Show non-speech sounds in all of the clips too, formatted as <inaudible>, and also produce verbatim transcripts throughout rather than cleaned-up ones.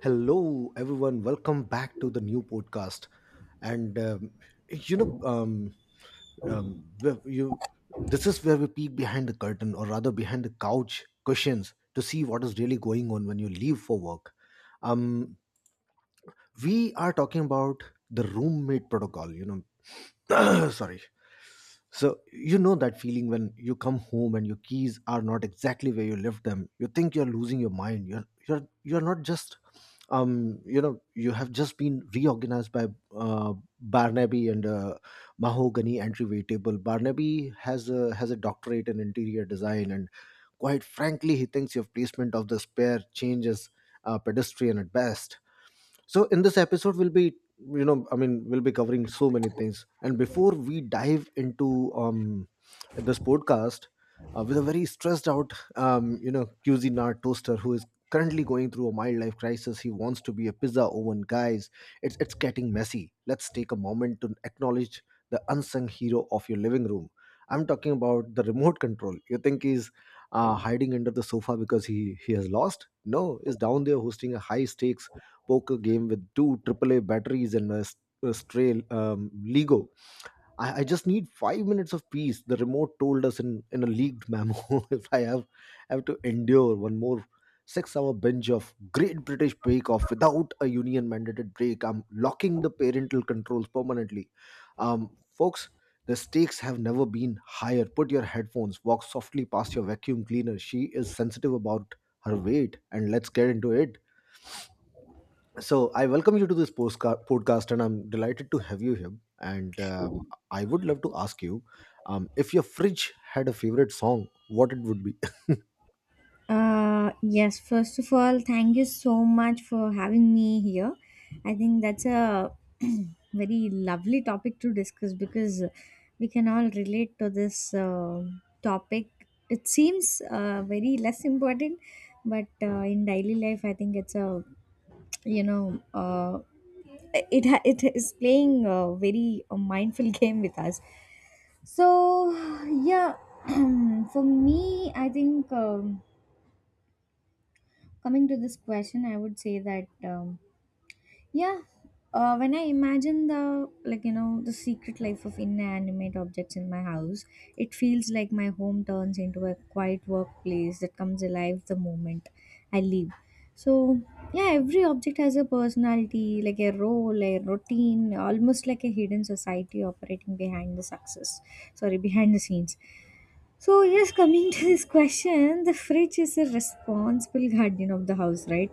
Hello, everyone. Welcome back to the new podcast. And um, you know, um, um, where you this is where we peek behind the curtain, or rather behind the couch cushions, to see what is really going on when you leave for work. Um, we are talking about the roommate protocol. You know, <clears throat> sorry. So you know that feeling when you come home and your keys are not exactly where you left them. You think you're losing your mind. You're you're you're not just um you know you have just been reorganized by uh, Barnaby and uh, mahogany entryway table. Barnaby has a has a doctorate in interior design, and quite frankly he thinks your placement of the spare change is uh, pedestrian at best. So in this episode, we'll be you know I mean we'll be covering so many things. And before we dive into um this podcast uh, with a very stressed out um you know cuisinart toaster who is currently going through a midlife crisis, he wants to be a pizza oven, guys, it's it's getting messy. Let's take a moment to acknowledge the unsung hero of your living room. I'm talking about the remote control. You think he's uh, hiding under the sofa because he he has lost. No, he's down there hosting a high stakes poker game with two triple A batteries and a, s- a stray um, Lego. I, I just need five minutes of peace. The remote told us in, in a leaked memo. <laughs> If I have, have to endure one more six hour binge of Great British Bake Off without a union mandated break, I'm locking the parental controls permanently. Um, folks, the stakes have never been higher. Put your headphones, walk softly past your vacuum cleaner. She is sensitive about her weight. And let's get into it. So I welcome you to this postca- podcast, and I'm delighted to have you here. And um, I would love to ask you, um, if your fridge had a favorite song, what it would be. Uh, yes, first of all, thank you so much for having me here. I think that's a <clears throat> very lovely topic to discuss because we can all relate to this uh, topic. It seems uh, very less important, but uh, in daily life, I think it's a you know uh, it ha- it is playing a very uh, mindful <laughs> game with us. So yeah, <clears throat> for me, I think. Um, Coming to this question, I would say that um, yeah, uh, when I imagine the like you know the secret life of inanimate objects in my house, it feels like my home turns into a quiet workplace that comes alive the moment I leave. So yeah, every object has a personality, like a role, a routine, almost like a hidden society operating behind the success. Sorry, behind the scenes. So, yes, coming to this question, the fridge is a responsible <laughs> guardian of the house, right?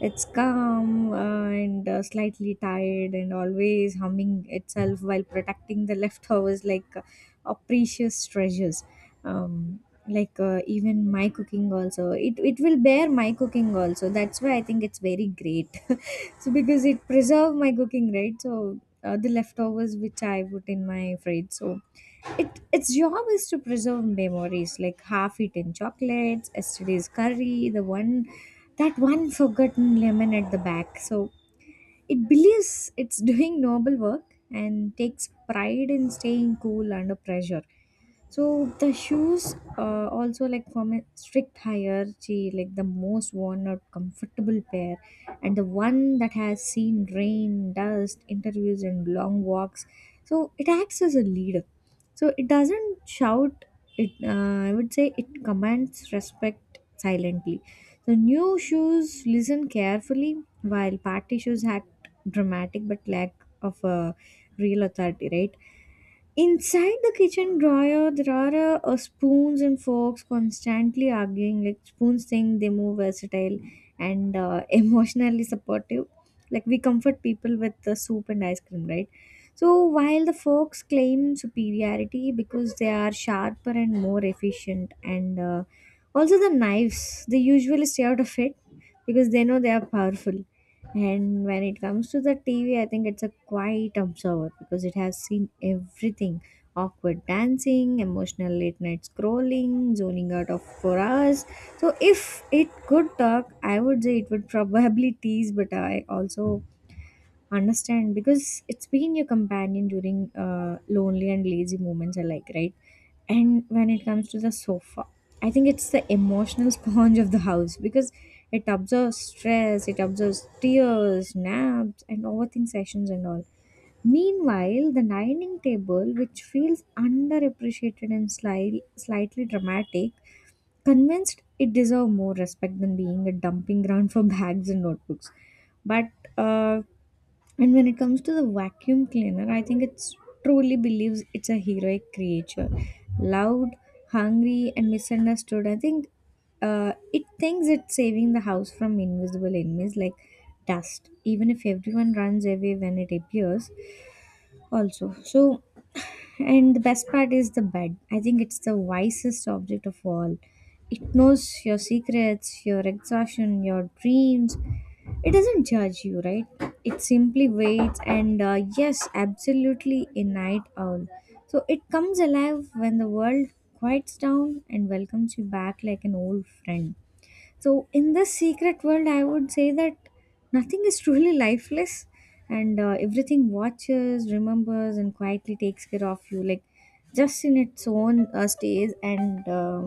It's calm uh, and uh, slightly tired and always humming itself while protecting the leftovers like uh, uh, precious treasures. Um, like uh, Even my cooking also it, it will bear my cooking also, that's why I think it's very great. <laughs> So because it preserve my cooking, right? So uh, the leftovers which I put in my fridge, so it its job is to preserve memories like half eaten chocolates, yesterday's curry, the one that one forgotten lemon at the back. So it believes it's doing noble work and takes pride in staying cool under pressure. So the shoes uh, also like from a strict hierarchy, like the most worn or comfortable pair, and the one that has seen rain, dust, interviews, and long walks. So it acts as a leader. So it doesn't shout. It uh, I would say it commands respect silently. The new shoes listen carefully, while party shoes act dramatic but lack of a real authority, right? Inside the kitchen drawer, there are uh, uh, spoons and forks constantly arguing. Like, spoons think they move versatile and uh, <laughs> emotionally supportive. Like, we comfort people with the soup and ice cream, right? So while the forks claim superiority because they are sharper and more efficient, and uh, also the knives, they usually stay out of it because they know they are powerful. And when it comes to the T V, I think it's a quiet observer because it has seen everything: awkward dancing, emotional late night scrolling, zoning out of four hours. So, if it could talk, I would say it would <laughs> probably tease, but I also understand, because it's been your companion during uh, lonely and lazy moments alike, right? And when it comes to the sofa, I think it's the emotional <laughs> sponge of the house because it absorbs stress, it absorbs tears, naps, and overthink sessions and all. Meanwhile, the dining table, which feels underappreciated and sli- slightly dramatic, convinced it deserved more respect than being a dumping ground for <laughs> bags and notebooks. But uh, and when it comes to the vacuum cleaner, I think it truly believes it's a heroic creature. Loud, hungry, and misunderstood. I think uh, it thinks it's saving the house from invisible enemies like dust. Even if everyone runs away when it appears, also. So, and the best part is the bed. I think it's the wisest object of all. It knows your secrets, your exhaustion, your dreams. It doesn't judge you, right? It simply waits and uh, yes, absolutely a night owl. So it comes alive when the world quiets down and welcomes you back like an old friend. So, in this secret world, I would say that nothing is truly lifeless and uh, everything watches, remembers, and quietly takes care of you, like, just in its own uh, stage and uh,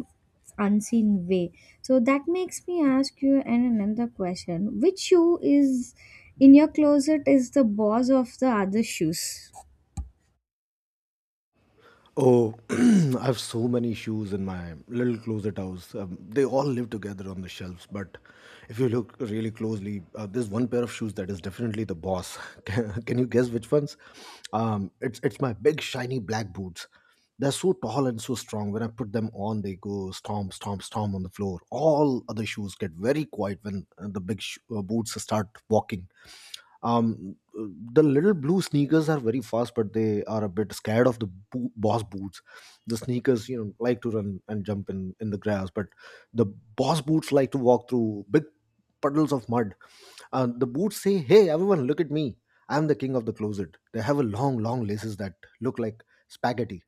unseen way. So, that makes me ask you an another question. Which shoe is in your closet is the boss of the other shoes? Oh, <clears throat> I have so many shoes in my little closet house. Um, they all live together on the shelves. But if you look really closely, uh, there's one pair of shoes that is definitely the boss. <laughs> Can, can you guess which ones? Um, it's it's my big shiny black boots. They're so tall and so strong. When I put them on, they go stomp, stomp, stomp on the floor. All other shoes get very quiet when uh, the big sh- uh, boots start walking. Um the little blue sneakers are very fast, but they are a bit scared of the bo- boss boots. The sneakers, you know, like to run and jump in in the grass, but the boss boots like to walk through big puddles of mud. Uh, the boots say, "Hey, everyone, look at me. I'm the king of the closet." They have a long long laces that look like spaghetti.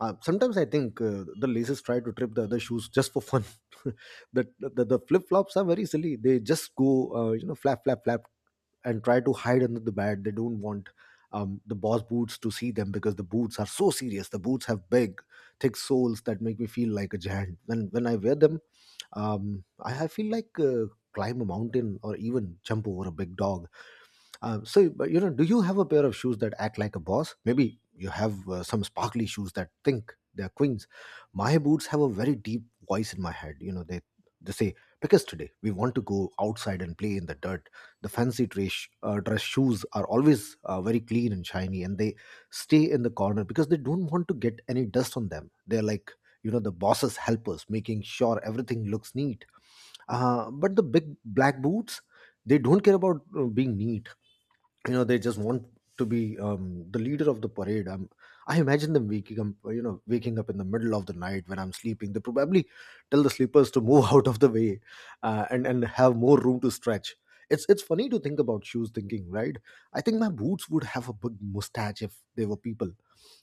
uh, Sometimes I think uh, the laces try to trip the other shoes just for fun. <laughs> the, the, the flip-flops are very silly. They just go, uh, you know flap flap flap, and try to hide under the bed. They don't want um, the boss boots to see them because the boots are so serious. The boots have big, thick soles that make me feel like a giant. When when I wear them, um, I, I feel like uh, climb a mountain, or even jump over a big dog. Um, so, but you know, do you have a pair of shoes that act like a boss? Maybe you have uh, some sparkly shoes that think they're queens. My boots have a very deep voice in my head. You know, they they say, "Pick us today. We want to go outside and play in the dirt." The fancy dress uh, dress shoes are always uh, very clean and shiny, and they stay in the corner because they don't want to get any dust on them. They're like, you know, the boss's helpers, making sure everything looks neat. Uh, but the big black boots, they don't care about uh, being neat. You know, they just want to be um, the leader of the parade. i'm I imagine them waking up, you know, waking up in the middle of the night when I'm sleeping. They probably tell the sleepers to move <laughs> out of the way uh, and and have more room to stretch. It's it's funny to think about shoes thinking, right? I think my boots would have a big mustache if they were people.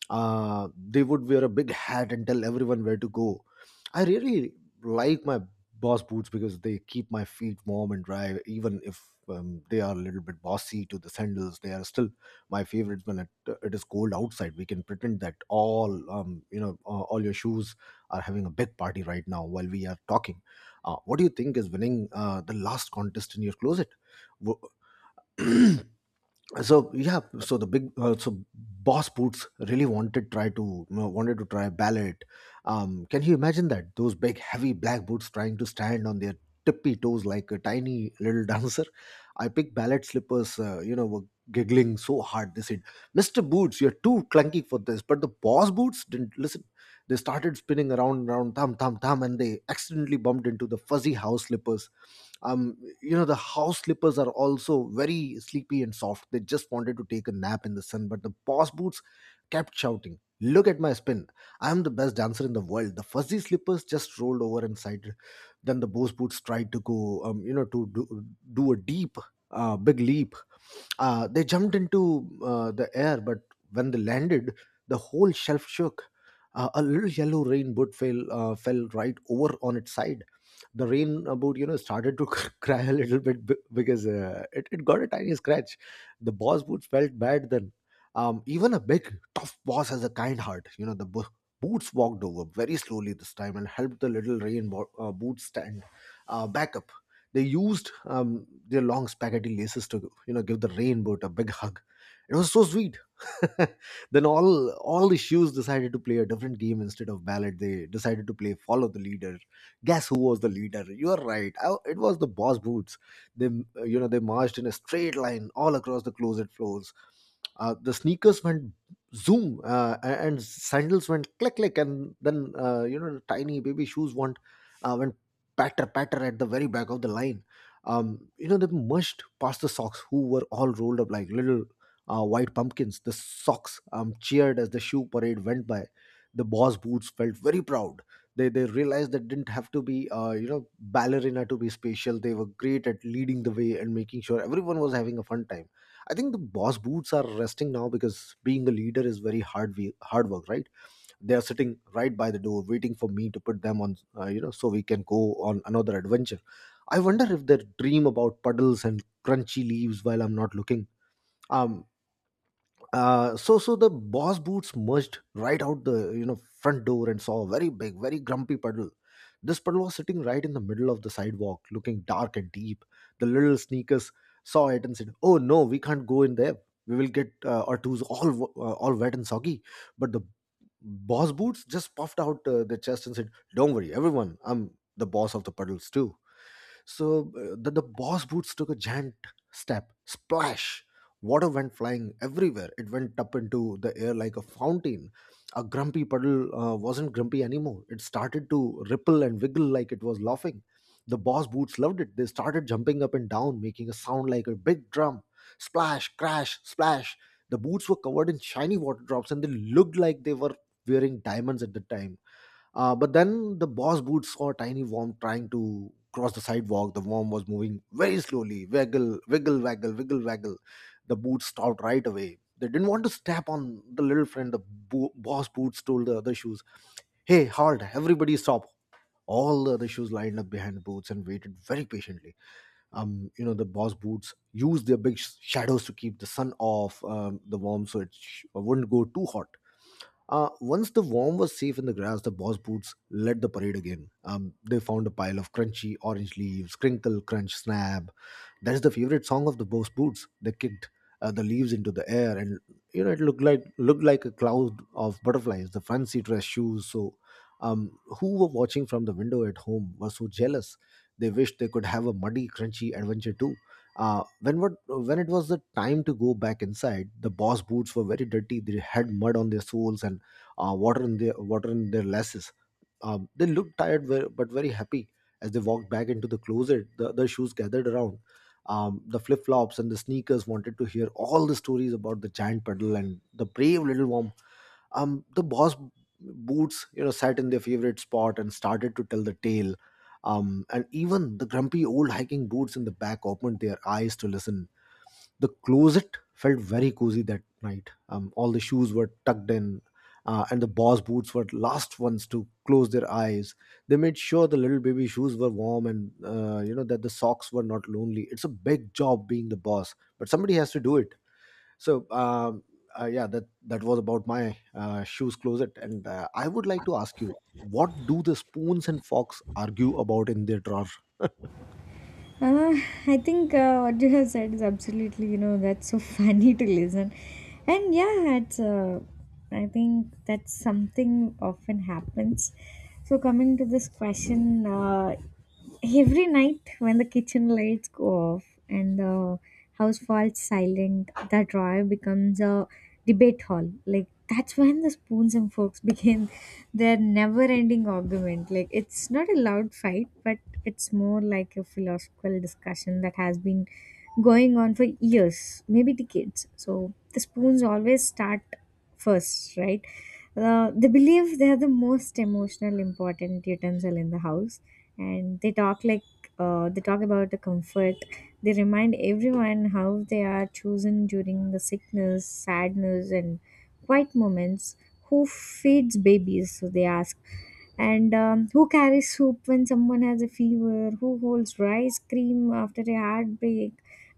uh, They would wear a big hat and tell everyone where to go. I really like my boss boots because they keep my feet warm and dry, even if um, they are a little bit bossy to the sandals. They are still my favorites when it, it is cold outside. We can pretend that all um, you know, uh, all your shoes are having a big party right now while we are talking. Uh, what do you think is winning uh, the last contest in your closet? Wo- <clears throat> so yeah so the big uh, so boss boots really wanted try to, you know, wanted to try ballet. Um can you imagine that? Those big heavy black boots trying to stand on their tippy toes like a tiny little <laughs> dancer. I picked ballet slippers, uh, you know were giggling so hard. They said, "Mr. Boots, you're too clunky for this." But the boss boots didn't listen. They started spinning around around, thumb thumb thumb, and they accidentally bumped into the fuzzy house slippers. um you know, the house slippers are also very sleepy and soft. They just wanted to take a nap in the sun, but the boss boots kept shouting, "Look at my spin. I am the best dancer in the world." The fuzzy slippers just rolled over and sighed. Then the boss boots tried to go, um, you know to do, do a deep uh, big leap. Uh, they jumped into uh, the air, but when they landed, the whole shelf shook. Uh, a little yellow rain boot fell, uh, fell right over on its side. The rain uh, boot, you know, started to <laughs> cry a little bit b- because uh, it, it got a tiny scratch. The boss boots felt bad then. Um, even a big, tough boss has a kind heart. You know, the bo- boots walked over very slowly this time and helped the little rain bo- uh, boot stand uh, back up. They used um, their long spaghetti laces to, you know, give the rainboat a big hug. It was so sweet. <laughs> Then all all the shoes decided to play a different game instead of ballad. They decided to play follow the leader. Guess who was the leader? You are right. I, it was the boss boots. They uh, you know They marched in a straight line all across the closet floors. Uh, the sneakers went zoom, uh, and sandals went click click, and then, uh, you know the tiny baby shoes went uh, went patter patter at the very back of the line. Um, you know, they mushed past the socks, who were all rolled up like little uh, white pumpkins. The socks um, cheered as the shoe parade went by. The boss boots felt very proud. They, they realized they didn't have to be, uh, you know, ballerina to be special. They were great at leading the way and making sure everyone was having a fun time. I think the boss boots are resting now, because being a leader is very hard, we- hard work, right? They are sitting right by the door waiting for me to put them on, uh, you know so we can go on another adventure. I wonder if they dream about puddles and crunchy leaves while I'm not looking. Um uh, so so the boss boots merged right out the, you know front door, and saw a very big very grumpy puddle. This puddle was sitting right in the middle of the sidewalk, looking dark and deep. The little sneakers saw it and said, "Oh no, we can't go in there. We will get uh, our toes all w- uh, all wet and soggy." But the boss boots just puffed out uh, their chest and said, "Don't worry, everyone. I'm the boss of the puddles too." So uh, the, the boss boots took a giant step. Splash! Water went flying everywhere. It went up into the air like a fountain. A grumpy puddle uh, wasn't grumpy anymore. It started to ripple and wiggle like it was laughing. The boss boots loved it. They started jumping up and down, making a sound like a big drum. Splash, crash, splash. The boots were covered in shiny water drops, and they looked like they were wearing diamonds at the time. Uh, but then the boss boot saw a tiny worm trying to cross the sidewalk. The worm was moving very slowly. Waggle, wiggle, waggle, wiggle, waggle. The boots stopped right away. They didn't want to step on the little friend. The bo- boss boots told the other shoes, "Hey, halt, everybody stop." All the other shoes lined up behind the boots and waited very patiently. Um, you know, the boss boots used their big sh- shadows to keep the sun off um, the worm so it sh- wouldn't go too hot. Uh, once the worm was safe in the grass, the boss boots led the parade again. Um, they found a pile of crunchy orange leaves, crinkle, crunch, snap, that's the favorite song of the Boss Boots. They kicked uh, the leaves into the air, and you know it looked like looked like a cloud of butterflies. The fancy dress shoes, So, um, who were watching from the window at home, were so jealous. They wished they could have a muddy, crunchy adventure too. Uh, when what when it was the time to go back inside, the boss boots were very dirty. They had mud on their soles and uh, water in their water in their laces. Um, they looked tired ve- but very happy as they walked back into the closet. The, the shoes gathered around. Um, the flip flops and the sneakers wanted to hear all the stories about the giant puddle and the brave little worm. Um, the boss boots, you know, sat in their favorite spot and started to tell the tale. Um, and even the grumpy old hiking boots in the back opened their eyes to listen. The closet felt very cozy that night. Um, all the shoes were tucked in, uh, and the boss boots were last ones to close their eyes. They made sure the little baby shoes were warm, and uh, you know that the socks were not lonely. It's a big job being the boss, but somebody has to do it. So um, uh, yeah, that that was about my uh, shoes closet, and uh, I would like to ask you, what do the spoons and forks argue about in their drawer? <laughs> Uh, I think uh, what you have said is absolutely, you know, that's so <laughs> funny to listen. And yeah, it's, uh, I think that's something often happens. So, coming to this question, uh, every night when the kitchen lights go off and the house falls silent, the drawer becomes a debate hall. Like, that's when the spoons and forks <laughs> begin their never ending argument. Like, it's not a loud fight, but it's more like a philosophical discussion that has been going on for years, maybe decades. So the spoons always start first, right? Uh, they believe they are the most emotional, important utensil in the house, and they talk like uh, they talk about the comfort. They remind everyone how they are chosen during the sickness, sadness, and quiet moments. Who feeds babies, so they ask, and um, who carries soup when someone has a fever, who holds rice cream after a heartbreak.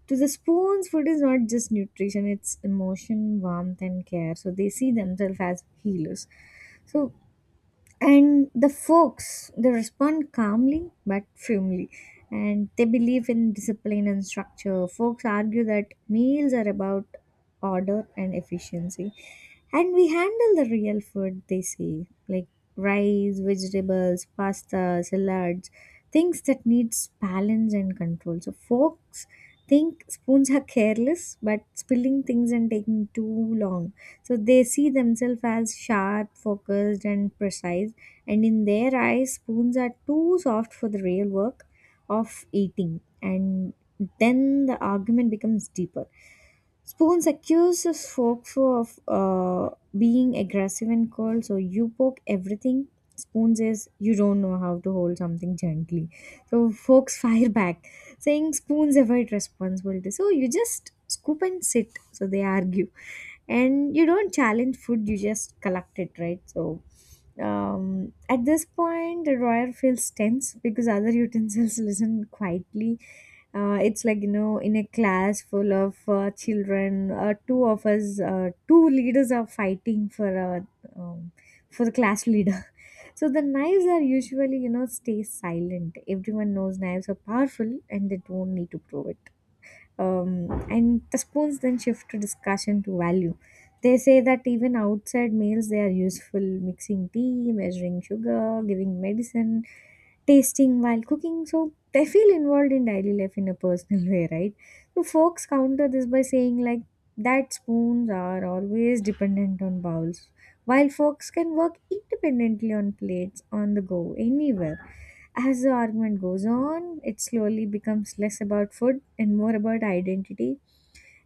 To the spoons, food is not just nutrition, it's emotion, warmth, and care. So they see themselves as healers. So, and the folks, they respond calmly but firmly, and they believe in discipline and structure. Folks argue that meals are about order and efficiency, and we handle the real food, they say, like rice, vegetables, pasta, salads, things that needs balance and control. So folks think spoons are careless, but spilling things and taking too long. So they see themselves as sharp, focused, and precise. And in their eyes, spoons are too soft for the real work of eating. And then the argument becomes deeper. Spoons accuses folk for of uh, being aggressive and cold, so you poke everything. Spoon says you don't know how to hold something gently. So forks <laughs> fire back, saying spoons avoid responsibility. So you just scoop and sit. So they argue, and you don't challenge food. You just collect it, right? So um, at this point, the drawer feels tense because other utensils <laughs> listen quietly. Uh, it's like, you know, in a class full of uh, children, uh, two of us uh, two leaders are fighting for uh, um, for the class leader. <laughs> So the knives are usually, you know, stay silent. Everyone knows knives are powerful and they don't need to prove it. Um, and the spoons then shift to discussion to value. They say that even outside meals they are useful: mixing tea, measuring sugar, giving medicine, tasting while cooking. So they feel involved in daily life in a personal <laughs> way, right? So folks counter this by saying like that spoons are always dependent on bowls, while forks can work independently on plates, on the go anywhere. As the argument goes on, it slowly becomes less about food and more about identity.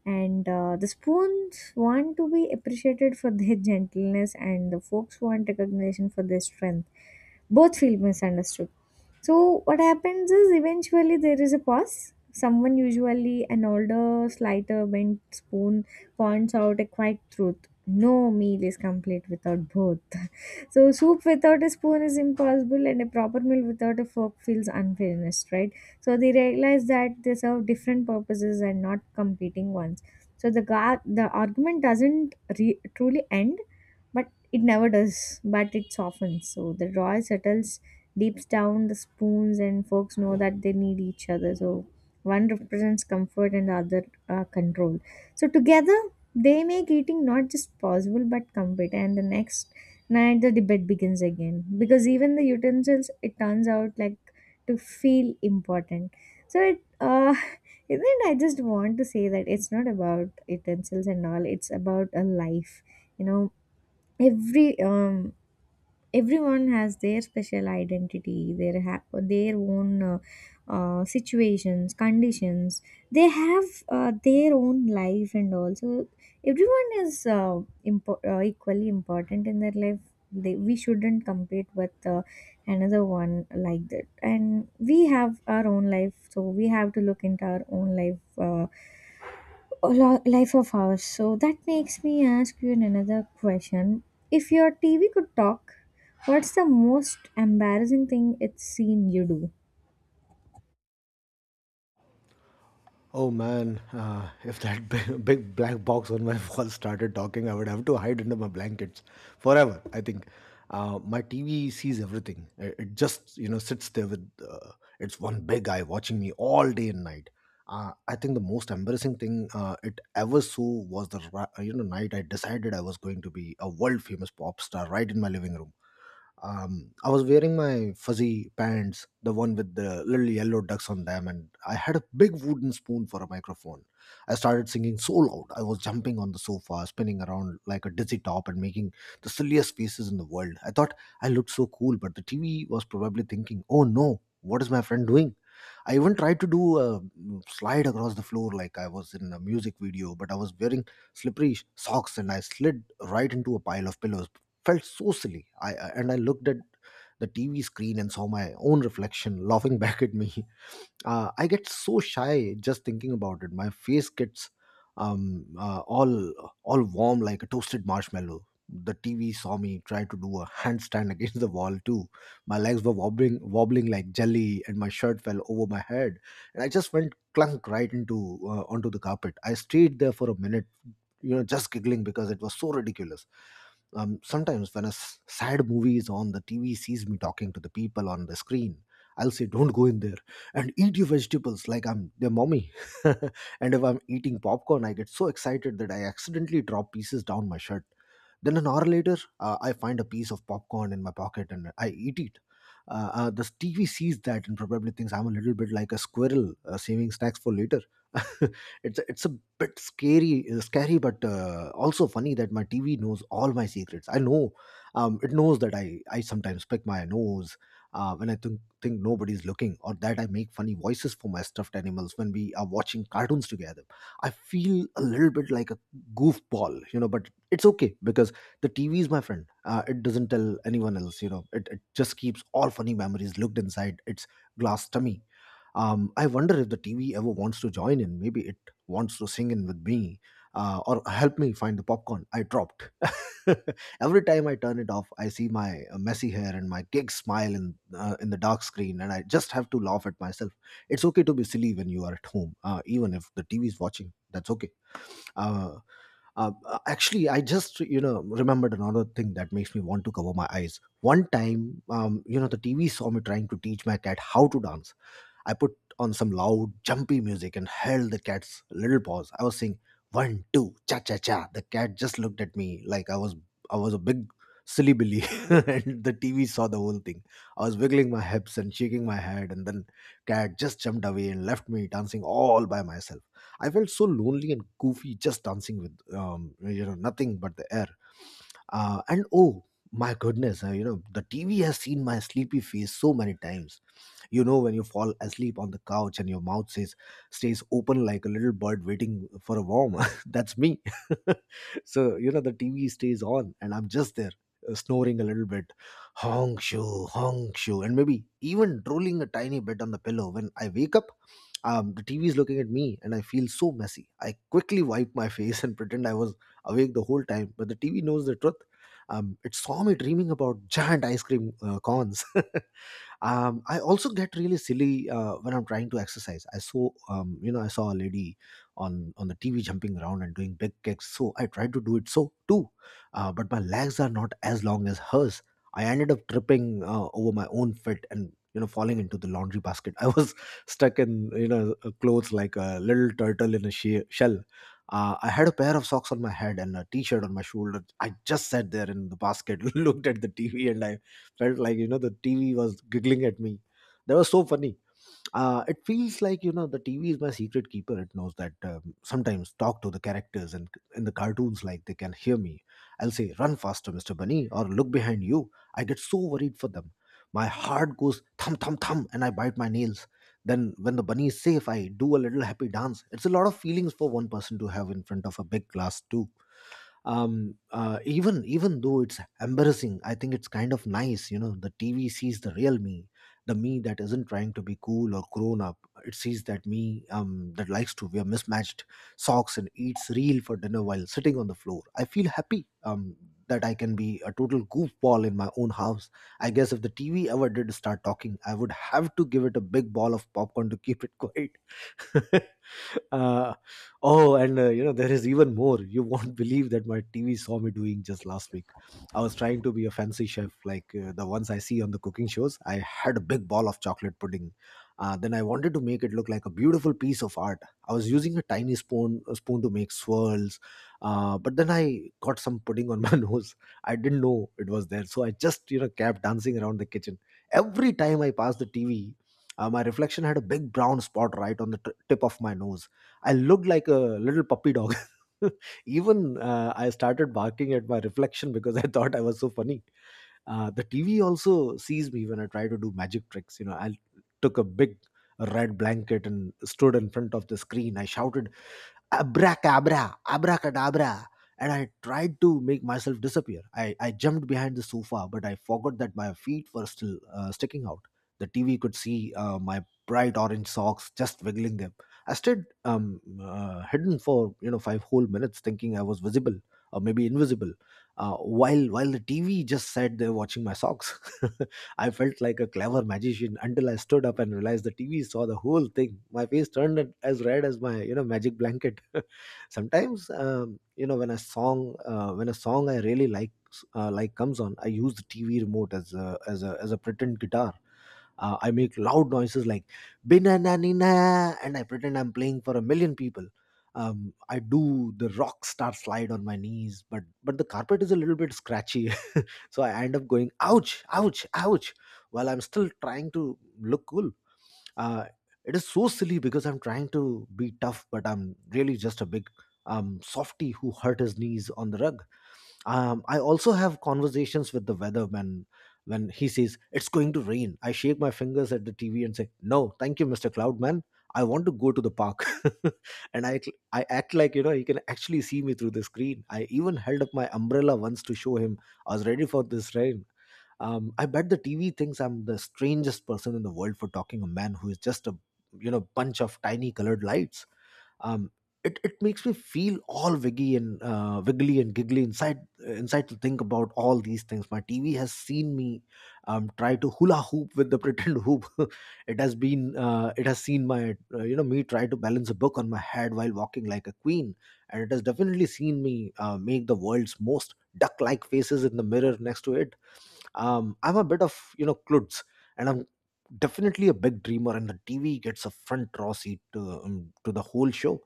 And uh, the spoons want to be appreciated for their <laughs> gentleness, and the folks want recognition for their strength. Both feel misunderstood. So what happens is eventually there is a pause. Someone, usually an older, slighter bent spoon, points out a quiet truth. No meal is complete without both. <laughs> So soup without a spoon is impossible and a proper meal without a fork feels unfinished, right? So they realize that they serve different purposes and not competing ones. So the gar- the argument doesn't re- truly end, but it never does, but it softens. So the joy settles deep down. The spoons and forks know that they need each other. So one represents comfort and the other uh, control. So together they make eating not just possible but complete. And the next night, the debate begins again, because even the utensils, it turns out, like to feel important. So it uh <laughs> isn't it? I just want to say that it's not about utensils and all, it's about a life, you know. Every um everyone has their special identity, their ha- their own uh, uh, situations, conditions. They have uh, their own life. And also everyone is uh, impo- uh, equally important in their life. They, we shouldn't compete with uh, another one like that, and we have our own life, so we have to look into our own life, uh, a lo- life of ours. So that makes me ask you another question. If your T V could talk, what's the most embarrassing thing it's seen you do? Oh man, uh, if that big, <laughs> big black box on my wall started talking, I would have to hide under my blankets forever. I think uh, my T V sees everything. It, it just you know sits there with uh, its one big eye watching me all day and night. Uh, I think the most embarrassing thing uh, it ever saw was the ra- you know night I decided I was going to be a world famous pop star right in my living room. um, I was wearing my fuzzy pants, the one with the little yellow ducks on them, and I had a big wooden spoon for a microphone. I started singing so loud, I was jumping on the sofa, spinning around like a dizzy top, and making the silliest faces in the world. I thought I looked so cool, but the T V was probably thinking, "Oh no, what is my friend doing?" I even tried to do a mm, slide across the floor like I was in a music video, but I was wearing slippery sh- socks and I slid right into a pile of pillows. Felt so silly. I I- and I looked at the T V screen and saw my own reflection laughing <laughs> back at me. uh, I get so shy just thinking about it. My face gets um, uh, all all warm like a toasted marshmallow. The T V saw me try to do a handstand <laughs> against the wall too. My legs were wobbling, wobbling like jelly, and my shirt fell over my head. And I just went clunk right into uh, onto the carpet. I stayed there for a minute, you know, just giggling because it was so ridiculous. Um, sometimes when a s- sad movie is on, the T V sees me talking to the people on the screen. I'll say, "Don't go in there," and "eat your vegetables," like I'm their mommy. <laughs> And if I'm eating popcorn, I get so excited that I accidentally drop pieces down my shirt. Then an hour later, uh, I find a piece of popcorn in my pocket and I eat it. Uh, uh, the T V sees that and probably thinks I'm a little bit like a squirrel uh, saving snacks for later. <laughs> it's it's a bit scary, uh, scary, but uh, also funny that my T V knows all my secrets. I know um, it knows that I I sometimes pick my nose uh, when I think think nobody's looking, or that I make funny voices for my stuffed animals when we are watching cartoons together. I feel a little bit like a goofball, you know but it's okay because the TV is my friend. Uh, it doesn't tell anyone else. you know it, it just keeps all funny memories locked inside its glass tummy. um, I wonder if the TV ever wants to join in. Maybe it wants to sing in with me uh, or help me find the popcorn I dropped. <laughs> Every time I turn it off, I see my uh, messy hair and my gig smile in uh, in the dark screen, and I just have to laugh at myself. It's okay to be silly when you are at home, uh, even if the TV is watching. That's okay. uh, uh, Actually, I just you know remembered another thing that makes me want to cover my eyes. One time, um, you know the TV saw me trying to teach my cat how to dance. I put on some loud, jumpy music and held the cat's little paws. I was saying, "One, two, cha cha cha." The cat just looked at me like I was I was a big silly billy. <laughs> And the T V saw the whole thing. I was wiggling my hips and shaking my head, and then cat just jumped away and left me dancing all by myself. I felt so lonely and goofy, just dancing with um, you know nothing but the air. Uh, and oh my goodness, uh, you know the T V has seen my sleepy face so many times. You know, when you fall asleep on the couch and your mouth says, stays open like a little bird waiting for a worm. <laughs> That's me. <laughs> So, you know, the T V stays on and I'm just there. uh, Snoring a little bit, honk shoo, honk shoo, and maybe even drooling a tiny bit on the pillow. When I wake up, um, the T V is looking at me and I feel so messy. I quickly wipe my <laughs> face and pretend I was awake the whole time, but the T V knows the truth. Um, it saw me dreaming about giant ice cream uh, cones. <laughs> um, I also get really silly uh, when I'm trying to exercise. I saw um, you know I saw a lady on on the TV jumping around and doing big kicks, so I tried to do it so too. Uh, but my legs are not as long as hers. I ended up tripping uh, over my own foot and you know falling into the laundry basket. I was <laughs> stuck in you know uh, clothes like a little turtle in a she- shell. uh, I had a pair of socks on my head and a t-shirt on my shoulder. I just sat there in the basket, <laughs> looked at the T V, and I felt like you know the TV was giggling at me. That was so funny. Uh, it feels like you know the T V is my secret keeper. It knows that, um, sometimes talk to the characters and in the cartoons like they can hear me. I'll say, "Run faster, Mister Bunny," or "Look behind you." I get so worried for them. My heart goes thump thump thump, and I bite my nails. Then, when the bunny is safe, I do a little happy dance. It's a lot of feelings for one person to have in front of a big class too. Um uh, even even though it's embarrassing, I think it's kind of nice. You know the TV sees the real me, the me that isn't trying to be cool or grown up. It sees that me, um that likes to wear mismatched socks and eats real for dinner while sitting on the floor. I feel happy um that I can be a total goofball in my own house. I guess if the TV ever did start talking, I would have to give it a big ball of popcorn to <laughs> keep it quiet. <laughs> uh, oh, and uh, you know, there is even more. You won't believe that my T V saw me doing just last week. I was trying to be a fancy chef like uh, the ones I see on the cooking shows. I had a big ball of chocolate pudding. Uh, then I wanted to make it look like a beautiful piece of art. I was using a tiny spoon a spoon to make swirls, uh, but then I got some pudding on <laughs> my nose. I didn't know it was there, so I just you know kept dancing around the kitchen. Every time I passed the T V, uh, my reflection had a big brown spot right on the t- tip of my nose. I looked like a little puppy dog. <laughs> Even uh, I started barking at my reflection because <laughs> I thought I was so funny. Uh, the T V also sees me when I try to do magic tricks. You know, I took a big red blanket and stood in front of the screen. I shouted, abracabra, abracadabra. And I tried to make myself disappear. I, I jumped behind the sofa, but I forgot that my feet were still uh, sticking out. The T V could see uh, my bright orange socks just wiggling them. I stayed um, uh, hidden for you know five whole minutes, thinking I was visible or maybe invisible, uh, while while the T V just said they're watching my socks. <laughs> I felt like a clever magician until I stood up and realized the T V saw the whole thing. My face turned it as red as my you know magic blanket. <laughs> Sometimes um, you know when a song uh, when a song I really like uh, like comes on, I use the T V remote as a as a as a pretend guitar. Uh, I make loud noises like "Binanina" and I pretend I'm playing for a million people. Um, I do the rock star slide on my knees, but but the carpet is a little bit scratchy. So I end up going, ouch, ouch, ouch, while I'm still trying to look cool. Uh, it is so silly because I'm trying to be tough, but I'm really just a big um, softy who hurt his knees on the rug. Um, I also have conversations with the weatherman when he says, it's going to rain. I shake my fingers at the T V and say, no, thank you, mister Cloudman. I want to go to the park. <laughs> and I, I act like, you know, he can actually see me through the screen. I even held up my umbrella once to show him I was ready for this rain. Um, I bet the T V thinks I'm the strangest person in the world for talking a man who is just a you know bunch of tiny colored lights. Um, it it makes me feel all wiggy and uh, wiggly and giggly inside inside to think about all these things. My T V has seen me um, try to hula hoop with the pretend hoop. <laughs> it has been uh, it has seen my uh, you know me try to balance a book on my head while walking like a queen, and it has definitely seen me uh, make the world's most duck like faces in the mirror next to it. Um, I'm a bit of you know klutz, and I'm definitely a big dreamer, and the TV gets a front row seat to, um, to the whole show.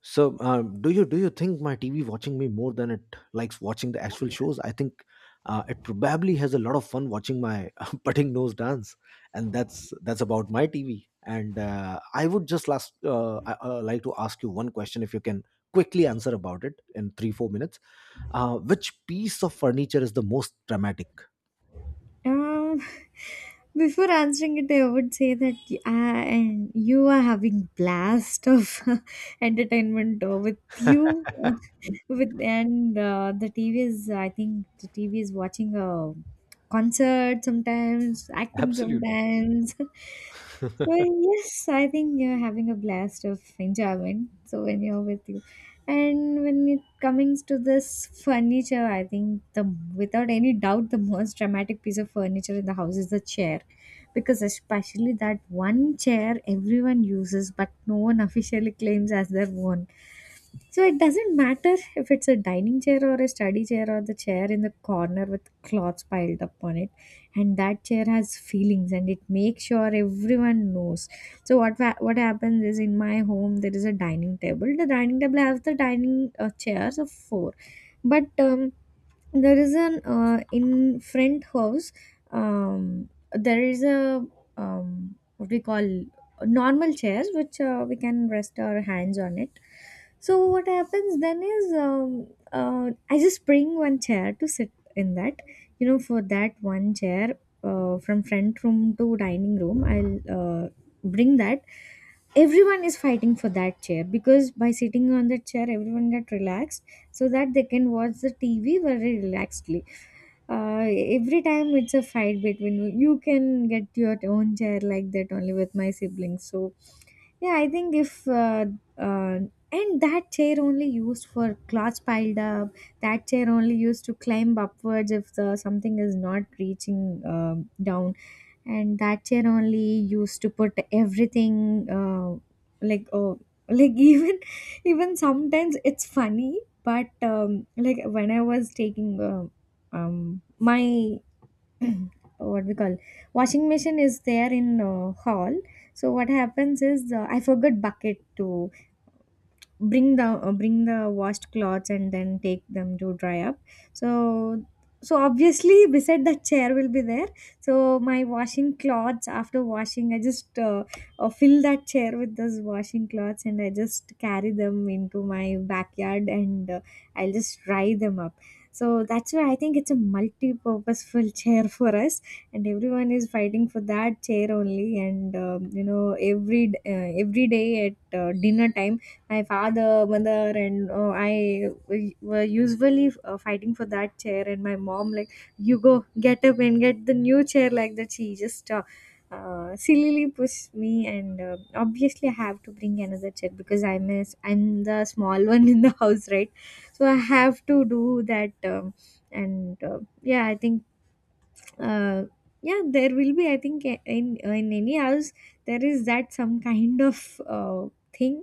So um, do you do you think my TV watching me more than it likes watching the actual shows? I think uh, it probably has a lot of fun watching my <laughs> putting nose dance. And that's that's about my TV, and uh, I would just last uh, I, uh, like to ask you one question if you can quickly answer about it in three four minutes uh, which piece of furniture is the most dramatic? Um, <laughs> Before answering it, I would say that y- I- and you are having blast of <laughs> entertainment uh, with you, <laughs> uh, with and uh, the T V is. I think the T V is watching a concert sometimes, acting Absolutely. sometimes. <laughs> So yes, I think you're having a blast of enjoyment. So when you're with you. And when it comes to this furniture, I think the without any doubt the most dramatic piece of furniture in the house is the chair, because especially that one chair everyone uses but no one <laughs> officially claims as their own. So it doesn't matter if it's a dining chair or a study chair or the chair in the corner with cloths piled up on it. And that chair has feelings and it makes sure everyone knows. So what wa- what happens is, in my home there is a dining table. The dining table has the dining uh, chairs of four, but um, there is an uh, in front house, um, there is a um, what we call normal chairs which uh, we can rest our hands on it. So what happens then is, um, uh, I just bring one chair to sit in that, you know, for that one chair uh, from front room to dining room, I'll uh, bring that. Everyone is fighting for that chair because by sitting on that chair everyone get relaxed so that they can watch the T V very relaxedly. Uh, every time it's a fight between you can get your own chair, like that only with my siblings. So yeah, I think if uh, uh, and that chair only used for clothes piled up. That chair only used to climb upwards if the something is not reaching um down, and that chair only used to put everything uh, like, oh, like, <laughs> even, even sometimes it's funny, but um, like when I was taking, um, um my <clears throat> what we call, washing machine is there in uh, hall. So what happens is, uh, I forgot bucket to bring the uh, bring the washed clothes and then take them to dry up. So so obviously <laughs> beside the chair will be there. So my washing clothes after washing, I just uh, uh, fill that chair with those washing clothes and I just carry them into my backyard and uh, I'll just dry them up. So that's why I think it's a multi-purposeful <laughs> chair for us. And everyone is fighting for that chair only. And um, you know, every d- uh, every day at uh, dinner time, my father, mother, and uh, I w- were usually uh, fighting for that chair. And my mom, like, "You go get up and get the new chair," like that. She just uh, uh, sillily pushed me, and uh, obviously I have to bring another chair because I'm a, I'm the small one in the <laughs> house, right? So I have to do that. Um, and uh, yeah, I think uh, yeah, there will be, I think, a- in in any house there is that some kind of uh, thing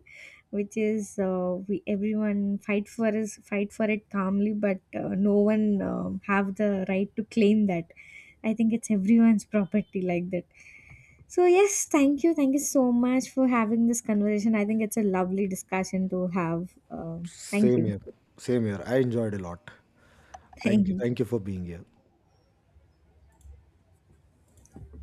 which is, uh, we everyone fight for, is fight for it calmly, but uh, no one um have the right to claim that. I think it's everyone's property like that. So yes, thank you, thank you so much for having this conversation. I think it's a lovely discussion to have. Um thank Same you. here. Same here. I enjoyed a lot. <laughs> Thank you. Thank Thank you. you for being here.